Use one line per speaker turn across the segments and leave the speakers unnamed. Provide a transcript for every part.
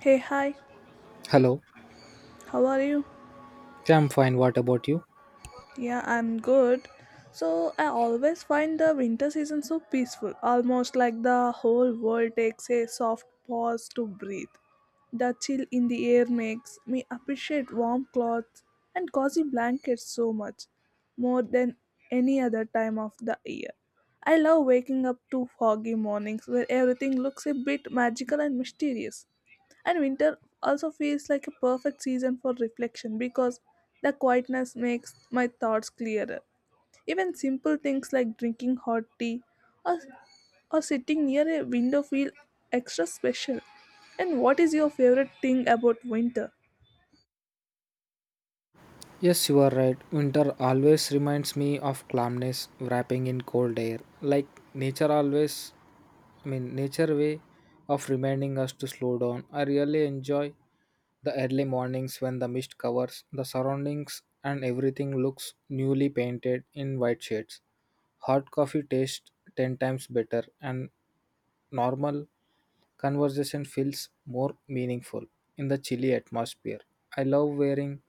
Hey, hi,
Hello.
how are you?
Yeah, I'm fine. What about you?
Yeah, I'm good. So, I always find the winter season so peaceful, almost like the whole world takes a soft pause to breathe. The chill in the air makes me appreciate warm clothes and cozy blankets so much, more than any other time of the year. I love waking up to foggy mornings where everything looks a bit magical and mysterious. And winter also feels like a perfect season for reflection because the quietness makes my thoughts clearer. Even simple things like drinking hot tea or, or sitting near a window feel extra special. And what is your favorite thing about winter?
Yes, you are right. Winter always reminds me of calmness wrapping in cold air. Like nature always, I mean, nature way of reminding us to slow down. I really enjoy the early mornings when the mist covers the surroundings and everything looks newly painted in white shades. Hot coffee tastes 10 times better and normal conversation feels more meaningful in the chilly atmosphere. I love wearing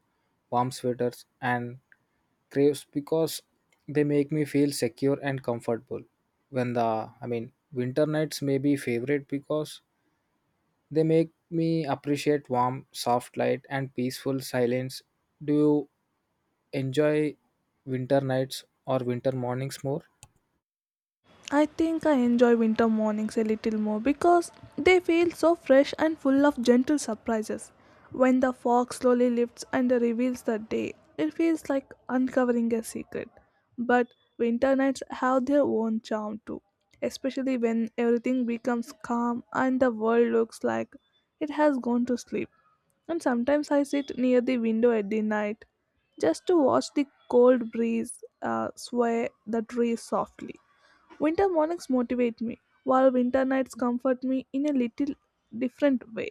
warm sweaters and craves because they make me feel secure and comfortable. When the I mean, winter nights may be favorite because they make me appreciate warm, soft light and peaceful silence. Do you enjoy winter nights or winter mornings more?
I think I enjoy winter mornings a little more because they feel so fresh and full of gentle surprises. When the fog slowly lifts and reveals the day, it feels like uncovering a secret. But winter nights have their own charm too, especially when everything becomes calm and the world looks like it has gone to sleep. And sometimes I sit near the window at the night just to watch the cold breeze sway the trees softly. Winter mornings motivate me, while winter nights comfort me in a little different way.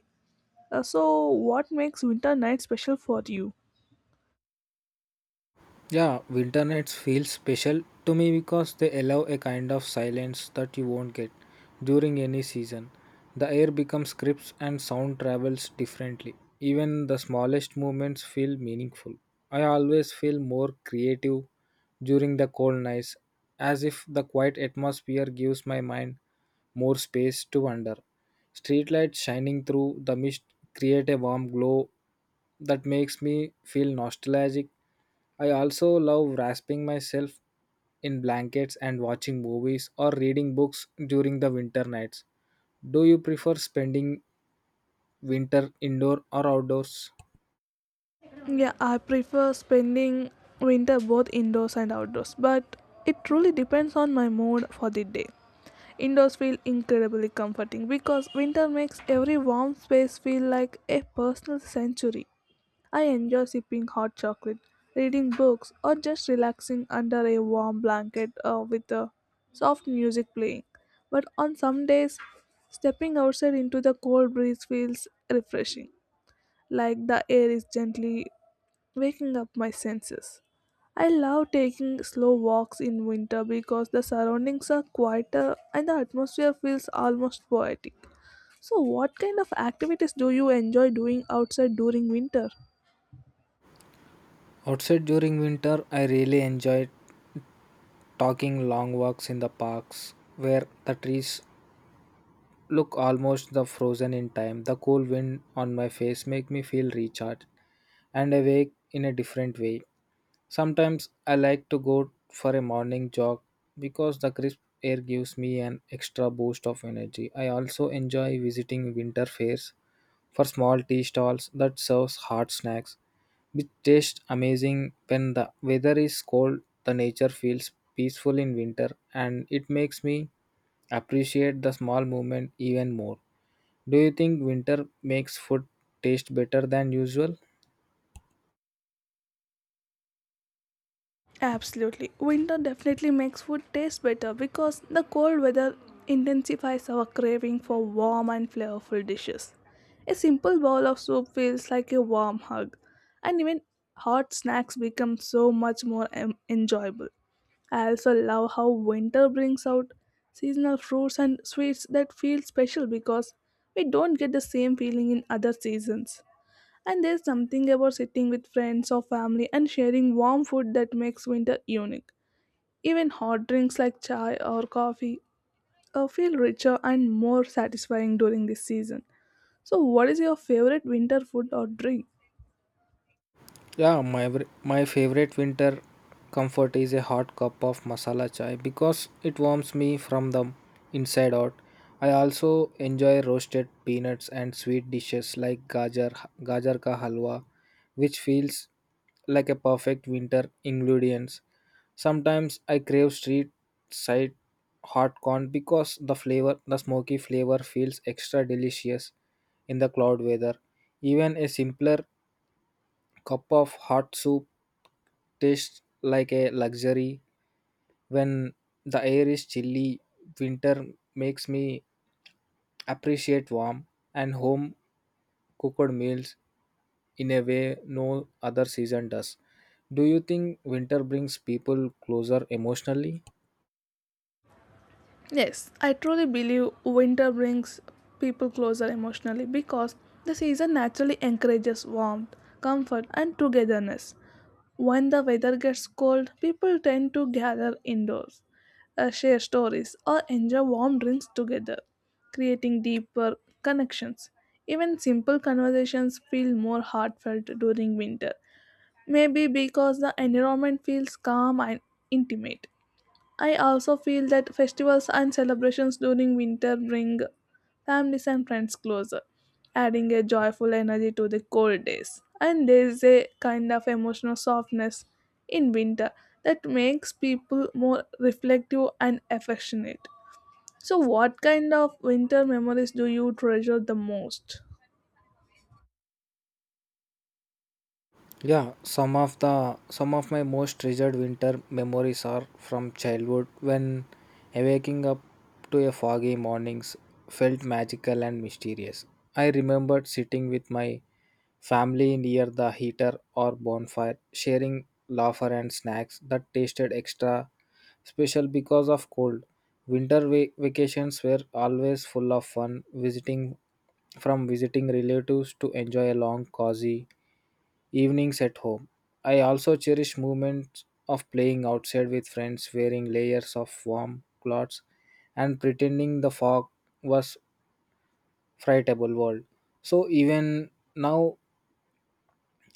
So, what makes winter night special for you?
Yeah, winter nights feel special to me because they allow a kind of silence that you won't get during any season. The air becomes crisp and sound travels differently. Even the smallest movements feel meaningful. I always feel more creative during the cold nights, as if the quiet atmosphere gives my mind more space to wander. Streetlights shining through the mist create a warm glow that makes me feel nostalgic. I also love wrapping myself in blankets and watching movies or reading books during the winter nights. Do you prefer spending winter indoor or outdoors?
Yeah, I prefer spending winter both indoors and outdoors, but it truly depends on my mood for the day. Indoors feel incredibly comforting because winter makes every warm space feel like a personal sanctuary. I enjoy sipping hot chocolate, reading books, or just relaxing under a warm blanket with the soft music playing. But on some days, stepping outside into the cold breeze feels refreshing, like the air is gently waking up my senses. I love taking slow walks in winter because the surroundings are quieter and the atmosphere feels almost poetic. So, what kind of activities do you enjoy doing outside during winter?
Outside during winter, I really enjoy talking long walks in the parks where the trees look almost the frozen in time. The cool wind on my face make me feel recharged and awake in a different way. Sometimes I like to go for a morning jog because the crisp air gives me an extra boost of energy. I also enjoy visiting winter fairs for small tea stalls that serves hot snacks which taste amazing when the weather is cold. The nature feels peaceful in winter and it makes me appreciate the small movement even more. Do you think winter makes food taste better than usual?
Absolutely. Winter definitely makes food taste better because the cold weather intensifies our craving for warm and flavorful dishes. A simple bowl of soup feels like a warm hug, and even hot snacks become so much more enjoyable. I also love how winter brings out seasonal fruits and sweets that feel special because we don't get the same feeling in other seasons. And there's something about sitting with friends or family and sharing warm food that makes winter unique. Even hot drinks like chai or coffee feel richer and more satisfying during this season. So, what is your favorite winter food or drink?
Yeah, my favorite winter comfort is a hot cup of masala chai because it warms me from the inside out. I also enjoy roasted peanuts and sweet dishes like gajar ka halwa, which feels like a perfect winter ingredients. Sometimes I crave street side hot corn because the smoky flavor feels extra delicious in the cloud weather. Even a simpler cup of hot soup tastes like a luxury when the air is chilly. Winter makes me appreciate warm and home cooked meals in a way no other season does. Do you think winter brings people closer emotionally?
Yes, I truly believe winter brings people closer emotionally because the season naturally encourages warmth, comfort, and togetherness. When the weather gets cold, people tend to gather indoors, share stories, or enjoy warm drinks together, creating deeper connections. Even simple conversations feel more heartfelt during winter, maybe because the environment feels calm and intimate. I also feel that festivals and celebrations during winter bring families and friends closer, adding a joyful energy to the cold days. And there is a kind of emotional softness in winter that makes people more reflective and affectionate. So, what kind of winter memories do you treasure the most?
Yeah, some of my most treasured winter memories are from childhood when waking up to a foggy mornings felt magical and mysterious. I remembered sitting with my family near the heater or bonfire, sharing laughter and snacks that tasted extra special because of cold. Winter vacations were always full of fun, visiting from visiting relatives to enjoy a long, cozy evenings at home. I also cherish moments of playing outside with friends, wearing layers of warm clothes and pretending the fog was frightable world. So even now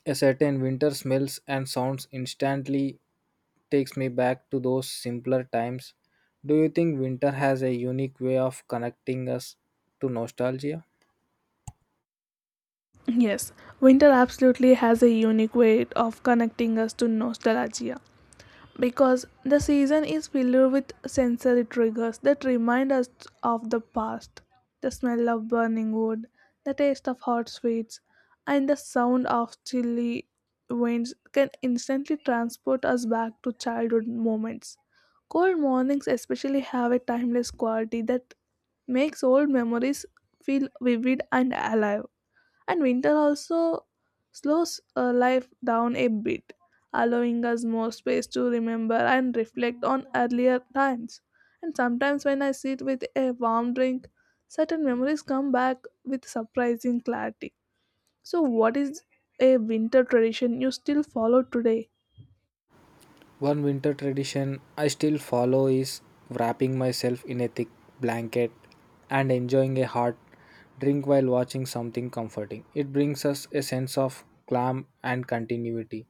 a certain winter smells and sounds instantly takes me back to those simpler times. Do you think winter has a unique way of connecting us to nostalgia?
Yes, winter absolutely has a unique way of connecting us to nostalgia, because the season is filled with sensory triggers that remind us of the past, the smell of burning wood, the taste of hot sweets, and the sound of chilly winds can instantly transport us back to childhood moments. Cold mornings, especially, have a timeless quality that makes old memories feel vivid and alive, and winter also slows life down a bit, allowing us more space to remember and reflect on earlier times. And sometimes, when I sit with a warm drink, certain memories come back with surprising clarity. So, what is a winter tradition you still follow today?
One winter tradition I still follow is wrapping myself in a thick blanket and enjoying a hot drink while watching something comforting. It brings us a sense of calm and continuity,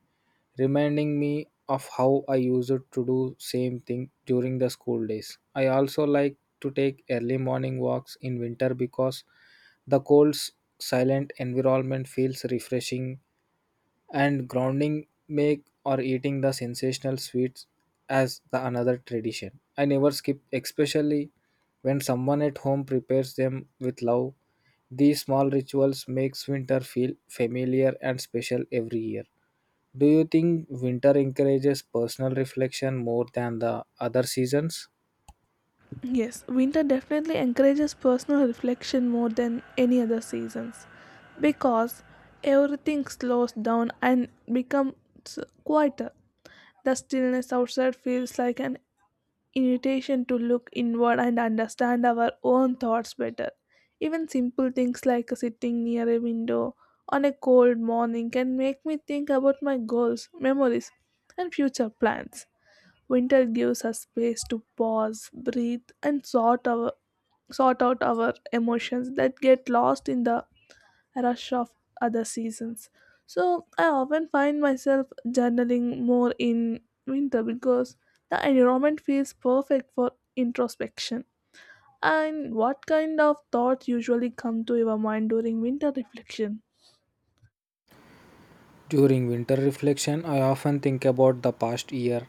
reminding me of how I used to do same thing during the school days. I also like to take early morning walks in winter because the cold's silent environment feels refreshing and grounding make or eating the sensational sweets as the another tradition. I never skip, especially when someone at home prepares them with love. These small rituals makes winter feel familiar and special every year. Do you think winter encourages personal reflection more than the other seasons?
Yes, winter definitely encourages personal reflection more than any other seasons because everything slows down and becomes quieter. The stillness outside feels like an invitation to look inward and understand our own thoughts better. Even simple things like sitting near a window on a cold morning can make me think about my goals, memories, and future plans. Winter gives us space to pause, breathe, and sort out our emotions that get lost in the rush of other seasons. So I often find myself journaling more in winter because the environment feels perfect for introspection. And what kind of thoughts usually come to your mind during winter reflection?
During winter reflection, I often think about the past year,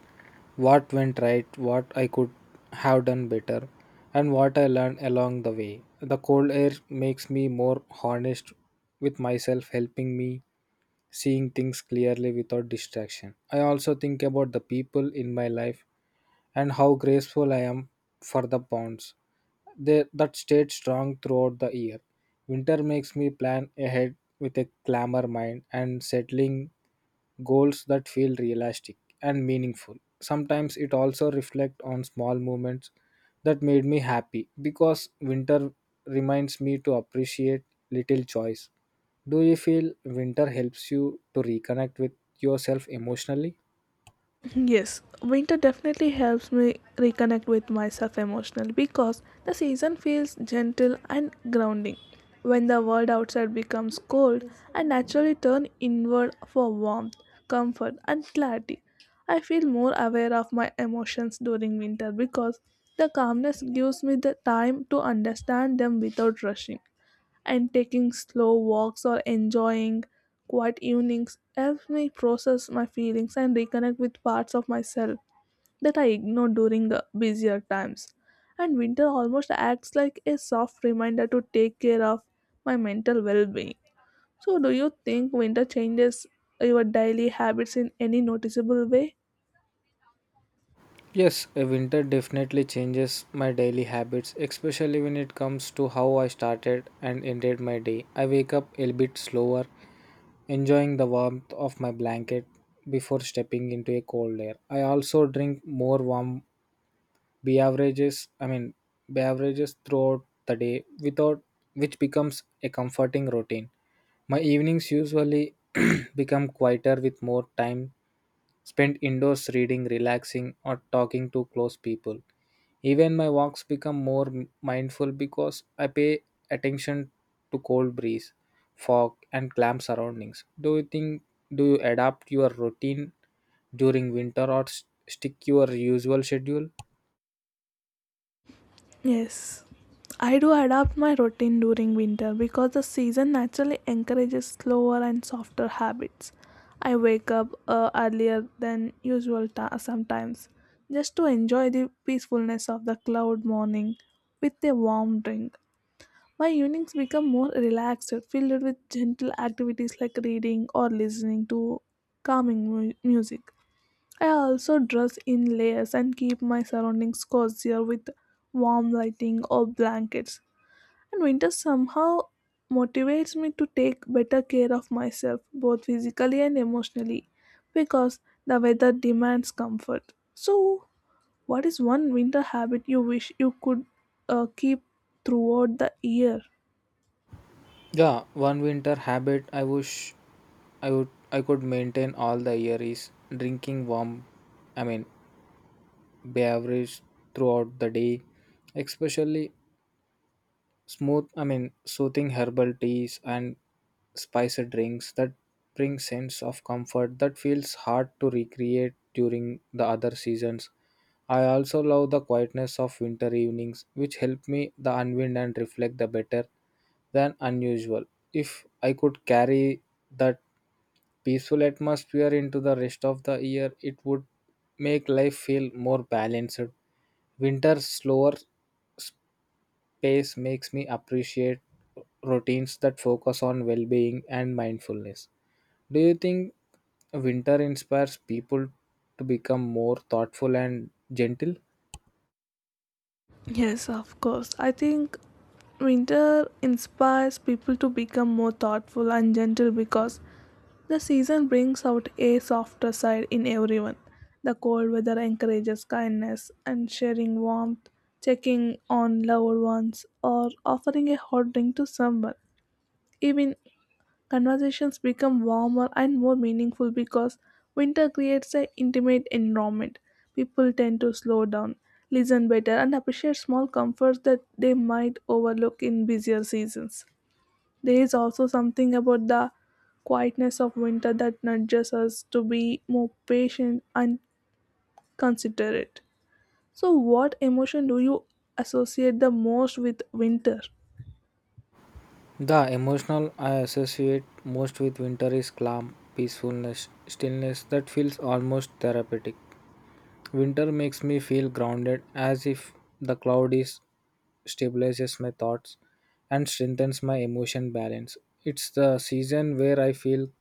what went right, what I could have done better, and what I learned along the way. The cold air makes me more honest with myself, helping me seeing things clearly without distraction. I also think about the people in my life and how grateful I am for the bonds that stayed strong throughout the year. Winter makes me plan ahead with a clamor mind and settling goals that feel realistic and meaningful. Sometimes it also reflects on small moments that made me happy because winter reminds me to appreciate little choice. Do you feel winter helps you to reconnect with yourself emotionally?
Yes, winter definitely helps me reconnect with myself emotionally because the season feels gentle and grounding. When the world outside becomes cold, I naturally turn inward for warmth, comfort, and clarity. I feel more aware of my emotions during winter because the calmness gives me the time to understand them without rushing, and taking slow walks or enjoying quiet evenings helps me process my feelings and reconnect with parts of myself that I ignore during busier times. And winter almost acts like a soft reminder to take care of my mental well being. So, do you think winter changes your daily habits in any noticeable way?
Yes, a winter definitely changes my daily habits, especially when it comes to how I started and ended my day. I wake up a bit slower, enjoying the warmth of my blanket before stepping into a cold air. I also drink more warm beverages, I mean, beverages throughout the day without which becomes a comforting routine. My evenings usually become quieter with more time spent indoors reading, relaxing or talking to close people. Even my walks become more mindful because I pay attention to cold breeze, fog and clam surroundings. Do you think do you adapt your routine during winter or stick your usual schedule?
Yes. I do adapt my routine during winter because the season naturally encourages slower and softer habits. I wake up earlier than usual sometimes just to enjoy the peacefulness of the cloud morning with a warm drink. My evenings become more relaxed, filled with gentle activities like reading or listening to calming music. I also dress in layers and keep my surroundings cozier with warm lighting or blankets. And winter somehow motivates me to take better care of myself, both physically and emotionally, because the weather demands comfort. So, what is one winter habit you wish you could keep throughout the year?
Yeah, one winter habit I wish I would I could maintain all the year is drinking warm, I mean, beverage throughout the day, especially smooth, I mean, soothing herbal teas and spicy drinks that bring sense of comfort that feels hard to recreate during the other seasons. I also love the quietness of winter evenings which help me the unwind and reflect the better than unusual. If I could carry that peaceful atmosphere into the rest of the year, it would make life feel more balanced. Winter slower pace makes me appreciate routines that focus on well being and mindfulness. Do you think winter inspires people to become more thoughtful and gentle?
Yes, of course. I think winter inspires people to become more thoughtful and gentle because the season brings out a softer side in everyone. The cold weather encourages kindness and sharing warmth, checking on loved ones, or offering a hot drink to someone. Even conversations become warmer and more meaningful because winter creates an intimate environment. People tend to slow down, listen better, and appreciate small comforts that they might overlook in busier seasons. There is also something about the quietness of winter that nudges us to be more patient and considerate. So, what emotion do you associate the most with winter?
The emotional I associate most with winter is calm, peacefulness, stillness that feels almost therapeutic. Winter makes me feel grounded as if the cloud is stabilizes my thoughts and strengthens my emotion balance. It's the season where I feel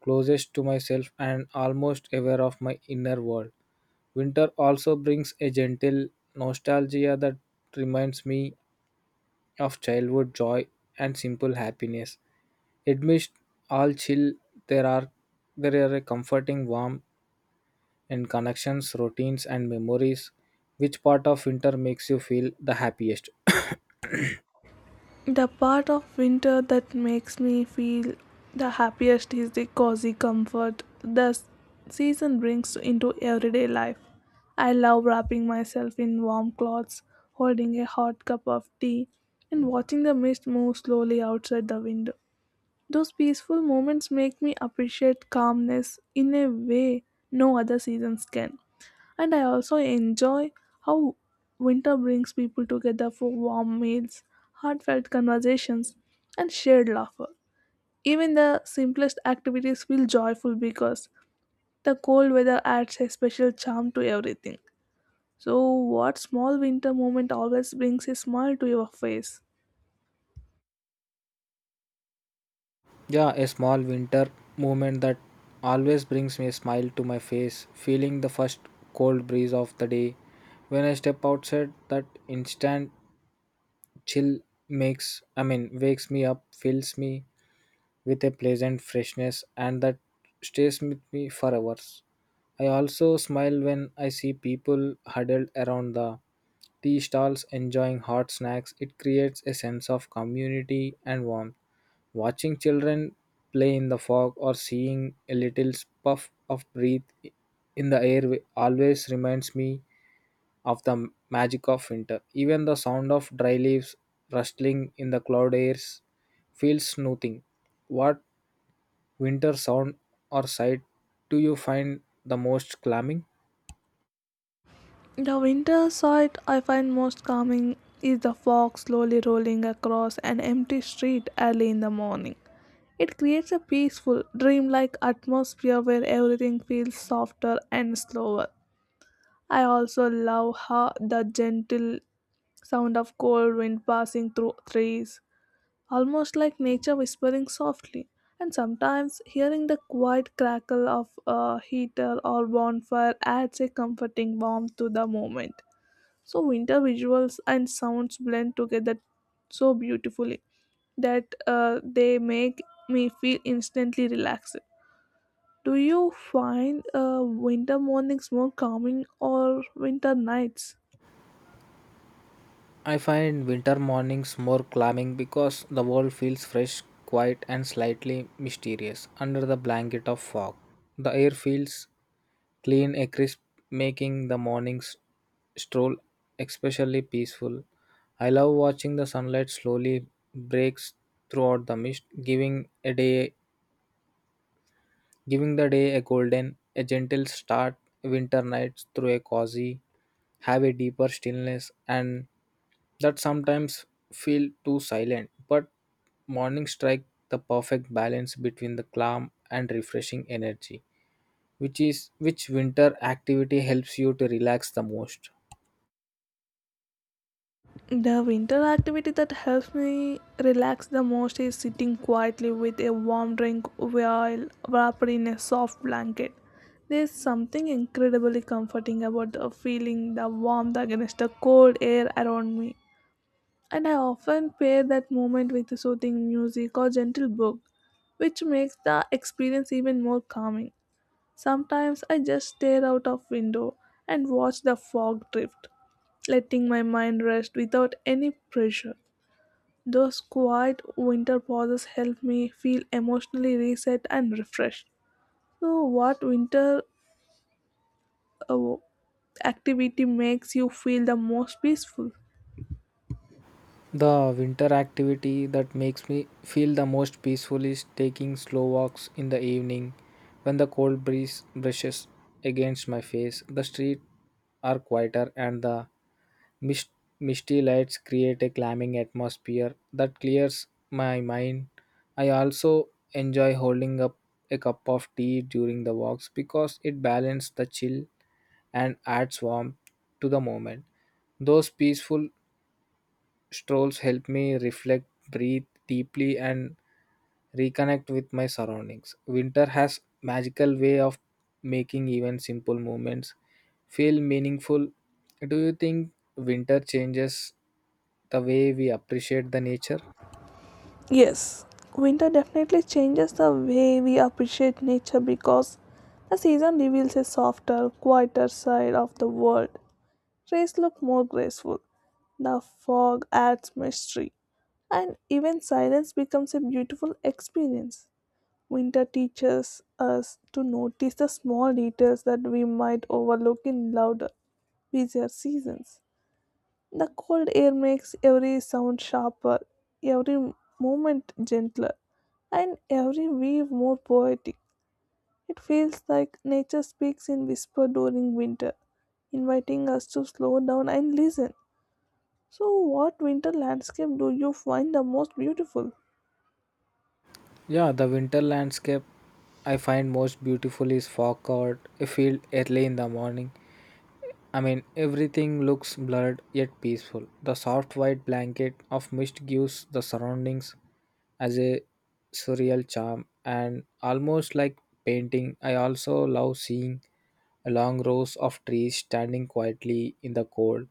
closest to myself and almost aware of my inner world. Winter also brings a gentle nostalgia that reminds me of childhood joy and simple happiness. Amidst all chill, there are there are a comforting warmth and connections, routines, and memories. Which part of winter makes you feel the happiest?
The part of winter that makes me feel the happiest is the cozy comfort the season brings into everyday life. I love wrapping myself in warm clothes, holding a hot cup of tea, and watching the mist move slowly outside the window. Those peaceful moments make me appreciate calmness in a way no other seasons can. And I also enjoy how winter brings people together for warm meals, heartfelt conversations, and shared laughter. Even the simplest activities feel joyful because the cold weather adds a special charm to everything. So, what small winter moment always brings a smile to your face?
Yeah, a small winter moment that always brings me a smile to my face, feeling the first cold breeze of the day. When I step outside, that instant chill makes, I mean, wakes me up, fills me with a pleasant freshness and that stays with me for hours. I also smile when I see people huddled around the tea stalls enjoying hot snacks. It creates a sense of community and warmth. Watching children play in the fog or seeing a little puff of breath in the air always reminds me of the magic of winter. Even the sound of dry leaves rustling in the cloud airs feels soothing. What winter sound or sight do you find the most calming?
The winter sight I find most calming is the fog slowly rolling across an empty street early in the morning. It creates a peaceful, dreamlike atmosphere where everything feels softer and slower. I also love how the gentle sound of cold wind passing through trees, almost like nature whispering softly, and sometimes hearing the quiet crackle of a heater or bonfire adds a comforting warmth to the moment. So winter visuals and sounds blend together so beautifully that they make me feel instantly relaxed. Do you find winter mornings more calming or winter nights?
I find winter mornings more calming because the world feels fresh, quiet, and slightly mysterious under the blanket of fog. The air feels clean and crisp, making the mornings stroll especially peaceful. I love watching the sunlight slowly breaks throughout the mist, giving the day a golden, a gentle start. Winter nights through a cozy have a deeper stillness and that sometimes feel too silent, but morning strike the perfect balance between the calm and refreshing energy. Which winter activity helps you to relax the most?
The winter activity that helps me relax the most is sitting quietly with a warm drink while wrapped in a soft blanket. There's something incredibly comforting about the feeling the warmth against the cold air around me. And I often pair that moment with a soothing music or gentle book, which makes the experience even more calming. Sometimes I just stare out of window and watch the fog drift, letting my mind rest without any pressure. Those quiet winter pauses help me feel emotionally reset and refreshed. So, what winter uh, activity makes you feel the most peaceful?
The winter activity that makes me feel the most peaceful is taking slow walks in the evening when the cold breeze brushes against my face. The streets are quieter and the mist- misty lights create a calming atmosphere that clears my mind. I also enjoy holding up a cup of tea during the walks because it balances the chill and adds warmth to the moment. Those peaceful strolls help me reflect, breathe deeply, and reconnect with my surroundings. Winter has magical way of making even simple movements feel meaningful. Do you think winter changes the way we appreciate the nature?
Yes, winter definitely changes the way we appreciate nature because the season reveals a softer, quieter side of the world. Trees look more graceful, the fog adds mystery, and even silence becomes a beautiful experience. Winter teaches us to notice the small details that we might overlook in louder, busier seasons. The cold air makes every sound sharper, every movement gentler, and every wave more poetic. It feels like nature speaks in whisper during winter, inviting us to slow down and listen. So, what winter landscape do you find the most beautiful?
Yeah, the winter landscape I find most beautiful is fog covered a field early in the morning. I mean, everything looks blurred yet peaceful. The soft white blanket of mist gives the surroundings as a surreal charm and almost like painting. I also love seeing long rows of trees standing quietly in the cold,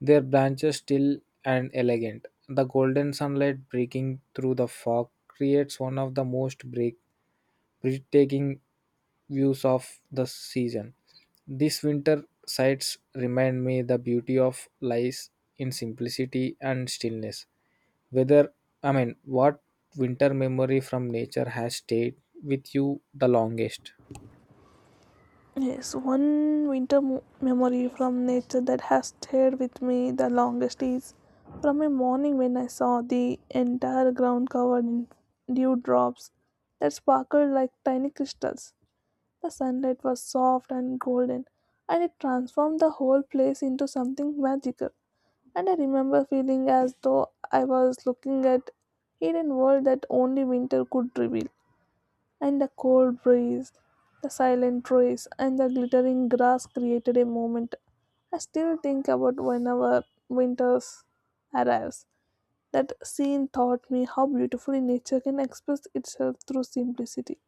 their branches still and elegant. The golden sunlight breaking through the fog creates one of the most breathtaking views of the season. This winter sights remind me the beauty of lies in simplicity and stillness. Whether I mean, what winter memory from nature has stayed with you the longest?
Yes, one winter memory from nature that has stayed with me the longest is from a morning when I saw the entire ground covered in dewdrops that sparkled like tiny crystals. The sunlight was soft and golden, and it transformed the whole place into something magical. And I remember feeling as though I was looking at hidden world that only winter could reveal, and the cold breeze, the silent trees, and the glittering grass created a moment I still think about whenever winter arrives. That scene taught me how beautifully nature can express itself through simplicity.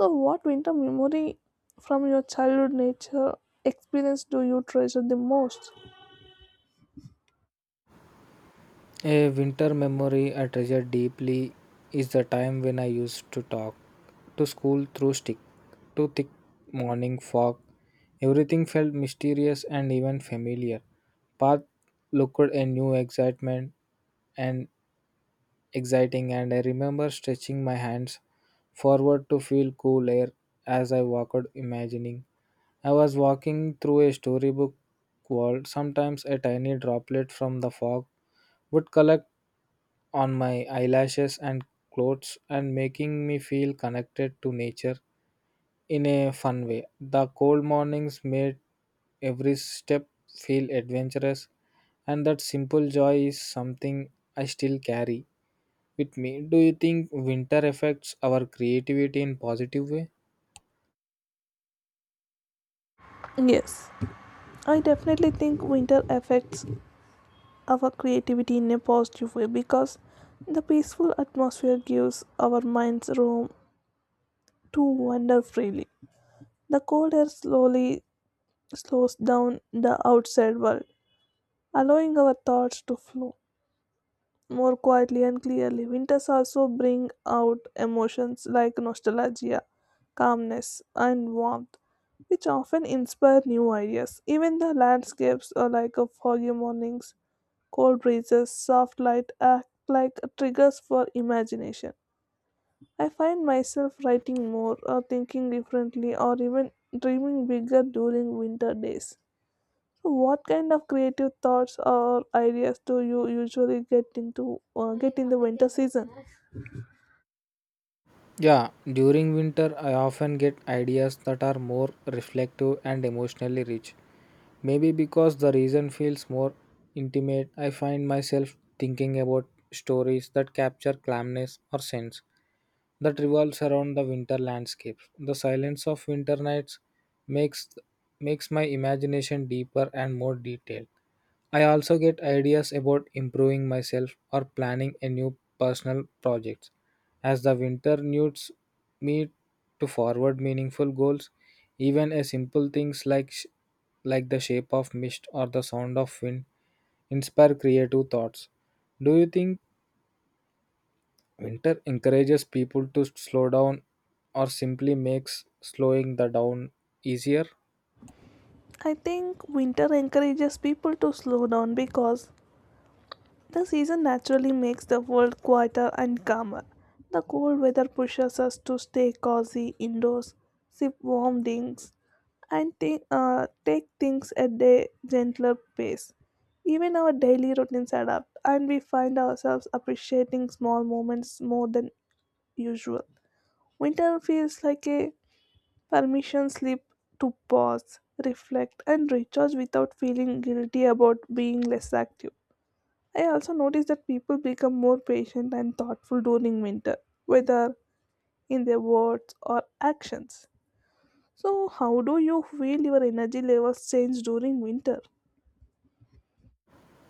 So, what winter memory from your childhood nature experience do you treasure the most?
A winter memory I treasure deeply is the time when I used to talk to school through stick, to thick morning fog. Everything felt mysterious and even familiar. Path looked a new excitement and exciting, and I remember stretching my hands forward to feel cool air as I walked, imagining I was walking through a storybook world. Sometimes a tiny droplet from the fog would collect on my eyelashes and clothes and making me feel connected to nature in a fun way. The cold mornings made every step feel adventurous and that simple joy is something I still carry with me. Do you think winter affects our creativity in positive way?
Yes, I definitely think winter affects our creativity in a positive way because the peaceful atmosphere gives our minds room to wander freely. The cold air slowly slows down the outside world, allowing our thoughts to flow more quietly and clearly. Winters also bring out emotions like nostalgia, calmness, and warmth, which often inspire new ideas. Even the landscapes are like a foggy mornings, cold breezes, soft light act like triggers for imagination. I find myself writing more or thinking differently or even dreaming bigger during winter days. So what kind of creative thoughts or ideas do you usually get in the winter season?
Yeah, during winter, I often get ideas that are more reflective and emotionally rich. Maybe because the reason feels more intimate, I find myself thinking about stories that capture calmness or sense that revolves around the winter landscapes. The silence of winter nights makes makes my imagination deeper and more detailed. I also get ideas about improving myself or planning a new personal project. As the winter nudes me to forward meaningful goals, even a simple things like like the shape of mist or the sound of wind, inspire creative thoughts. Do you think winter encourages people to slow down or simply makes slowing the down easier?
I think winter encourages people to slow down because the season naturally makes the world quieter and calmer. The cold weather pushes us to stay cozy indoors, sip warm drinks, and take things at a gentler pace. Even our daily routines adapt, and we find ourselves appreciating small moments more than usual. Winter feels like a permission slip to pause, reflect, and recharge without feeling guilty about being less active. I also notice that people become more patient and thoughtful during winter, whether in their words or actions. So, how do you feel your energy levels change during winter?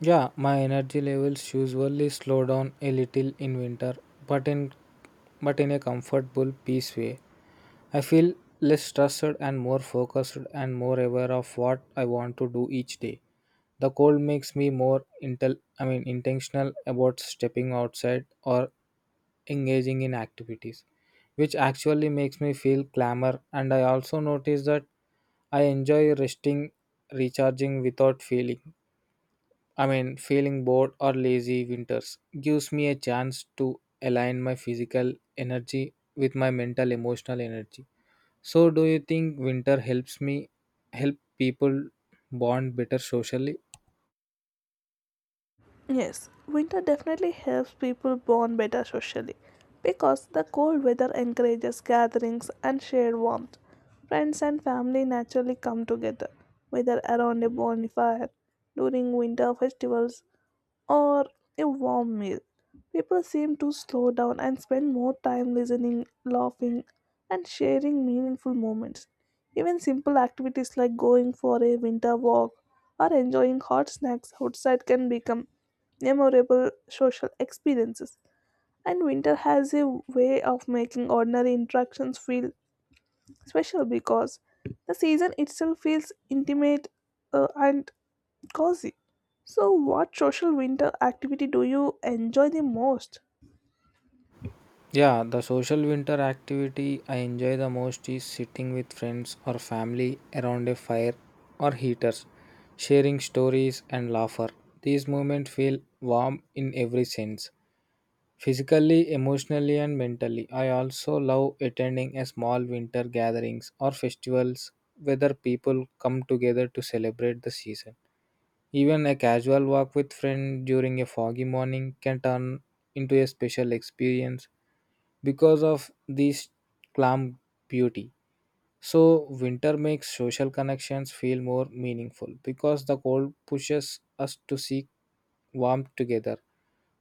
Yeah, my energy levels usually slow down a little in winter, but in but in a comfortable peace way. I feel less stressed and more focused and more aware of what I want to do each day. The cold makes me more intel I mean, intentional about stepping outside or engaging in activities, which actually makes me feel clamor. And I also notice that I enjoy resting, recharging without feeling. I mean, feeling bored or lazy winters gives me a chance to align my physical energy with my mental emotional energy. So, do you think winter help people bond better socially?
Yes, winter definitely helps people bond better socially because the cold weather encourages gatherings and shared warmth. Friends and family naturally come together, whether around a bonfire, during winter festivals, or a warm meal. People seem to slow down and spend more time listening, laughing, and sharing meaningful moments. Even simple activities like going for a winter walk or enjoying hot snacks outside can become memorable social experiences. And winter has a way of making ordinary interactions feel special because the season itself feels intimate and cozy. So, what social winter activity do you enjoy the most?
Yeah, the social winter activity I enjoy the most is sitting with friends or family around a fire or heaters, sharing stories and laughter. These moments feel warm in every sense, physically, emotionally, and mentally. I also love attending a small winter gatherings or festivals where people come together to celebrate the season. Even a casual walk with friend during a foggy morning can turn into a special experience because of this calm beauty. So winter makes social connections feel more meaningful because the cold pushes us to seek warmth together.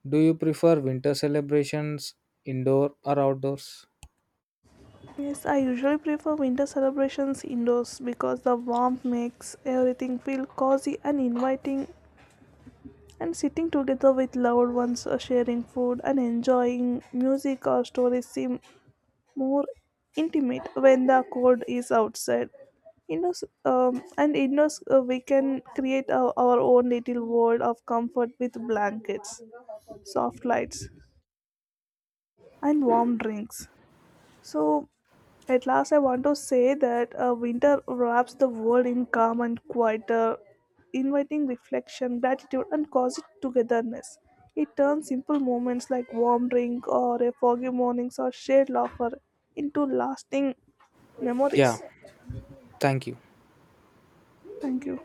Do you prefer winter celebrations indoor or outdoors?
Yes, I usually prefer winter celebrations indoors because the warmth makes everything feel cozy and inviting. And sitting together with loved ones, sharing food, and enjoying music or stories seem more intimate when the cold is outside. Indoors, we can create our own little world of comfort with blankets, soft lights, and warm drinks. So, at last, I want to say that winter wraps the world in calm and quieter, inviting reflection, gratitude, and cozy togetherness. It turns simple moments like warm drink or a foggy mornings or shared laughter into lasting
Yeah,
memories.
thank you.
Thank you.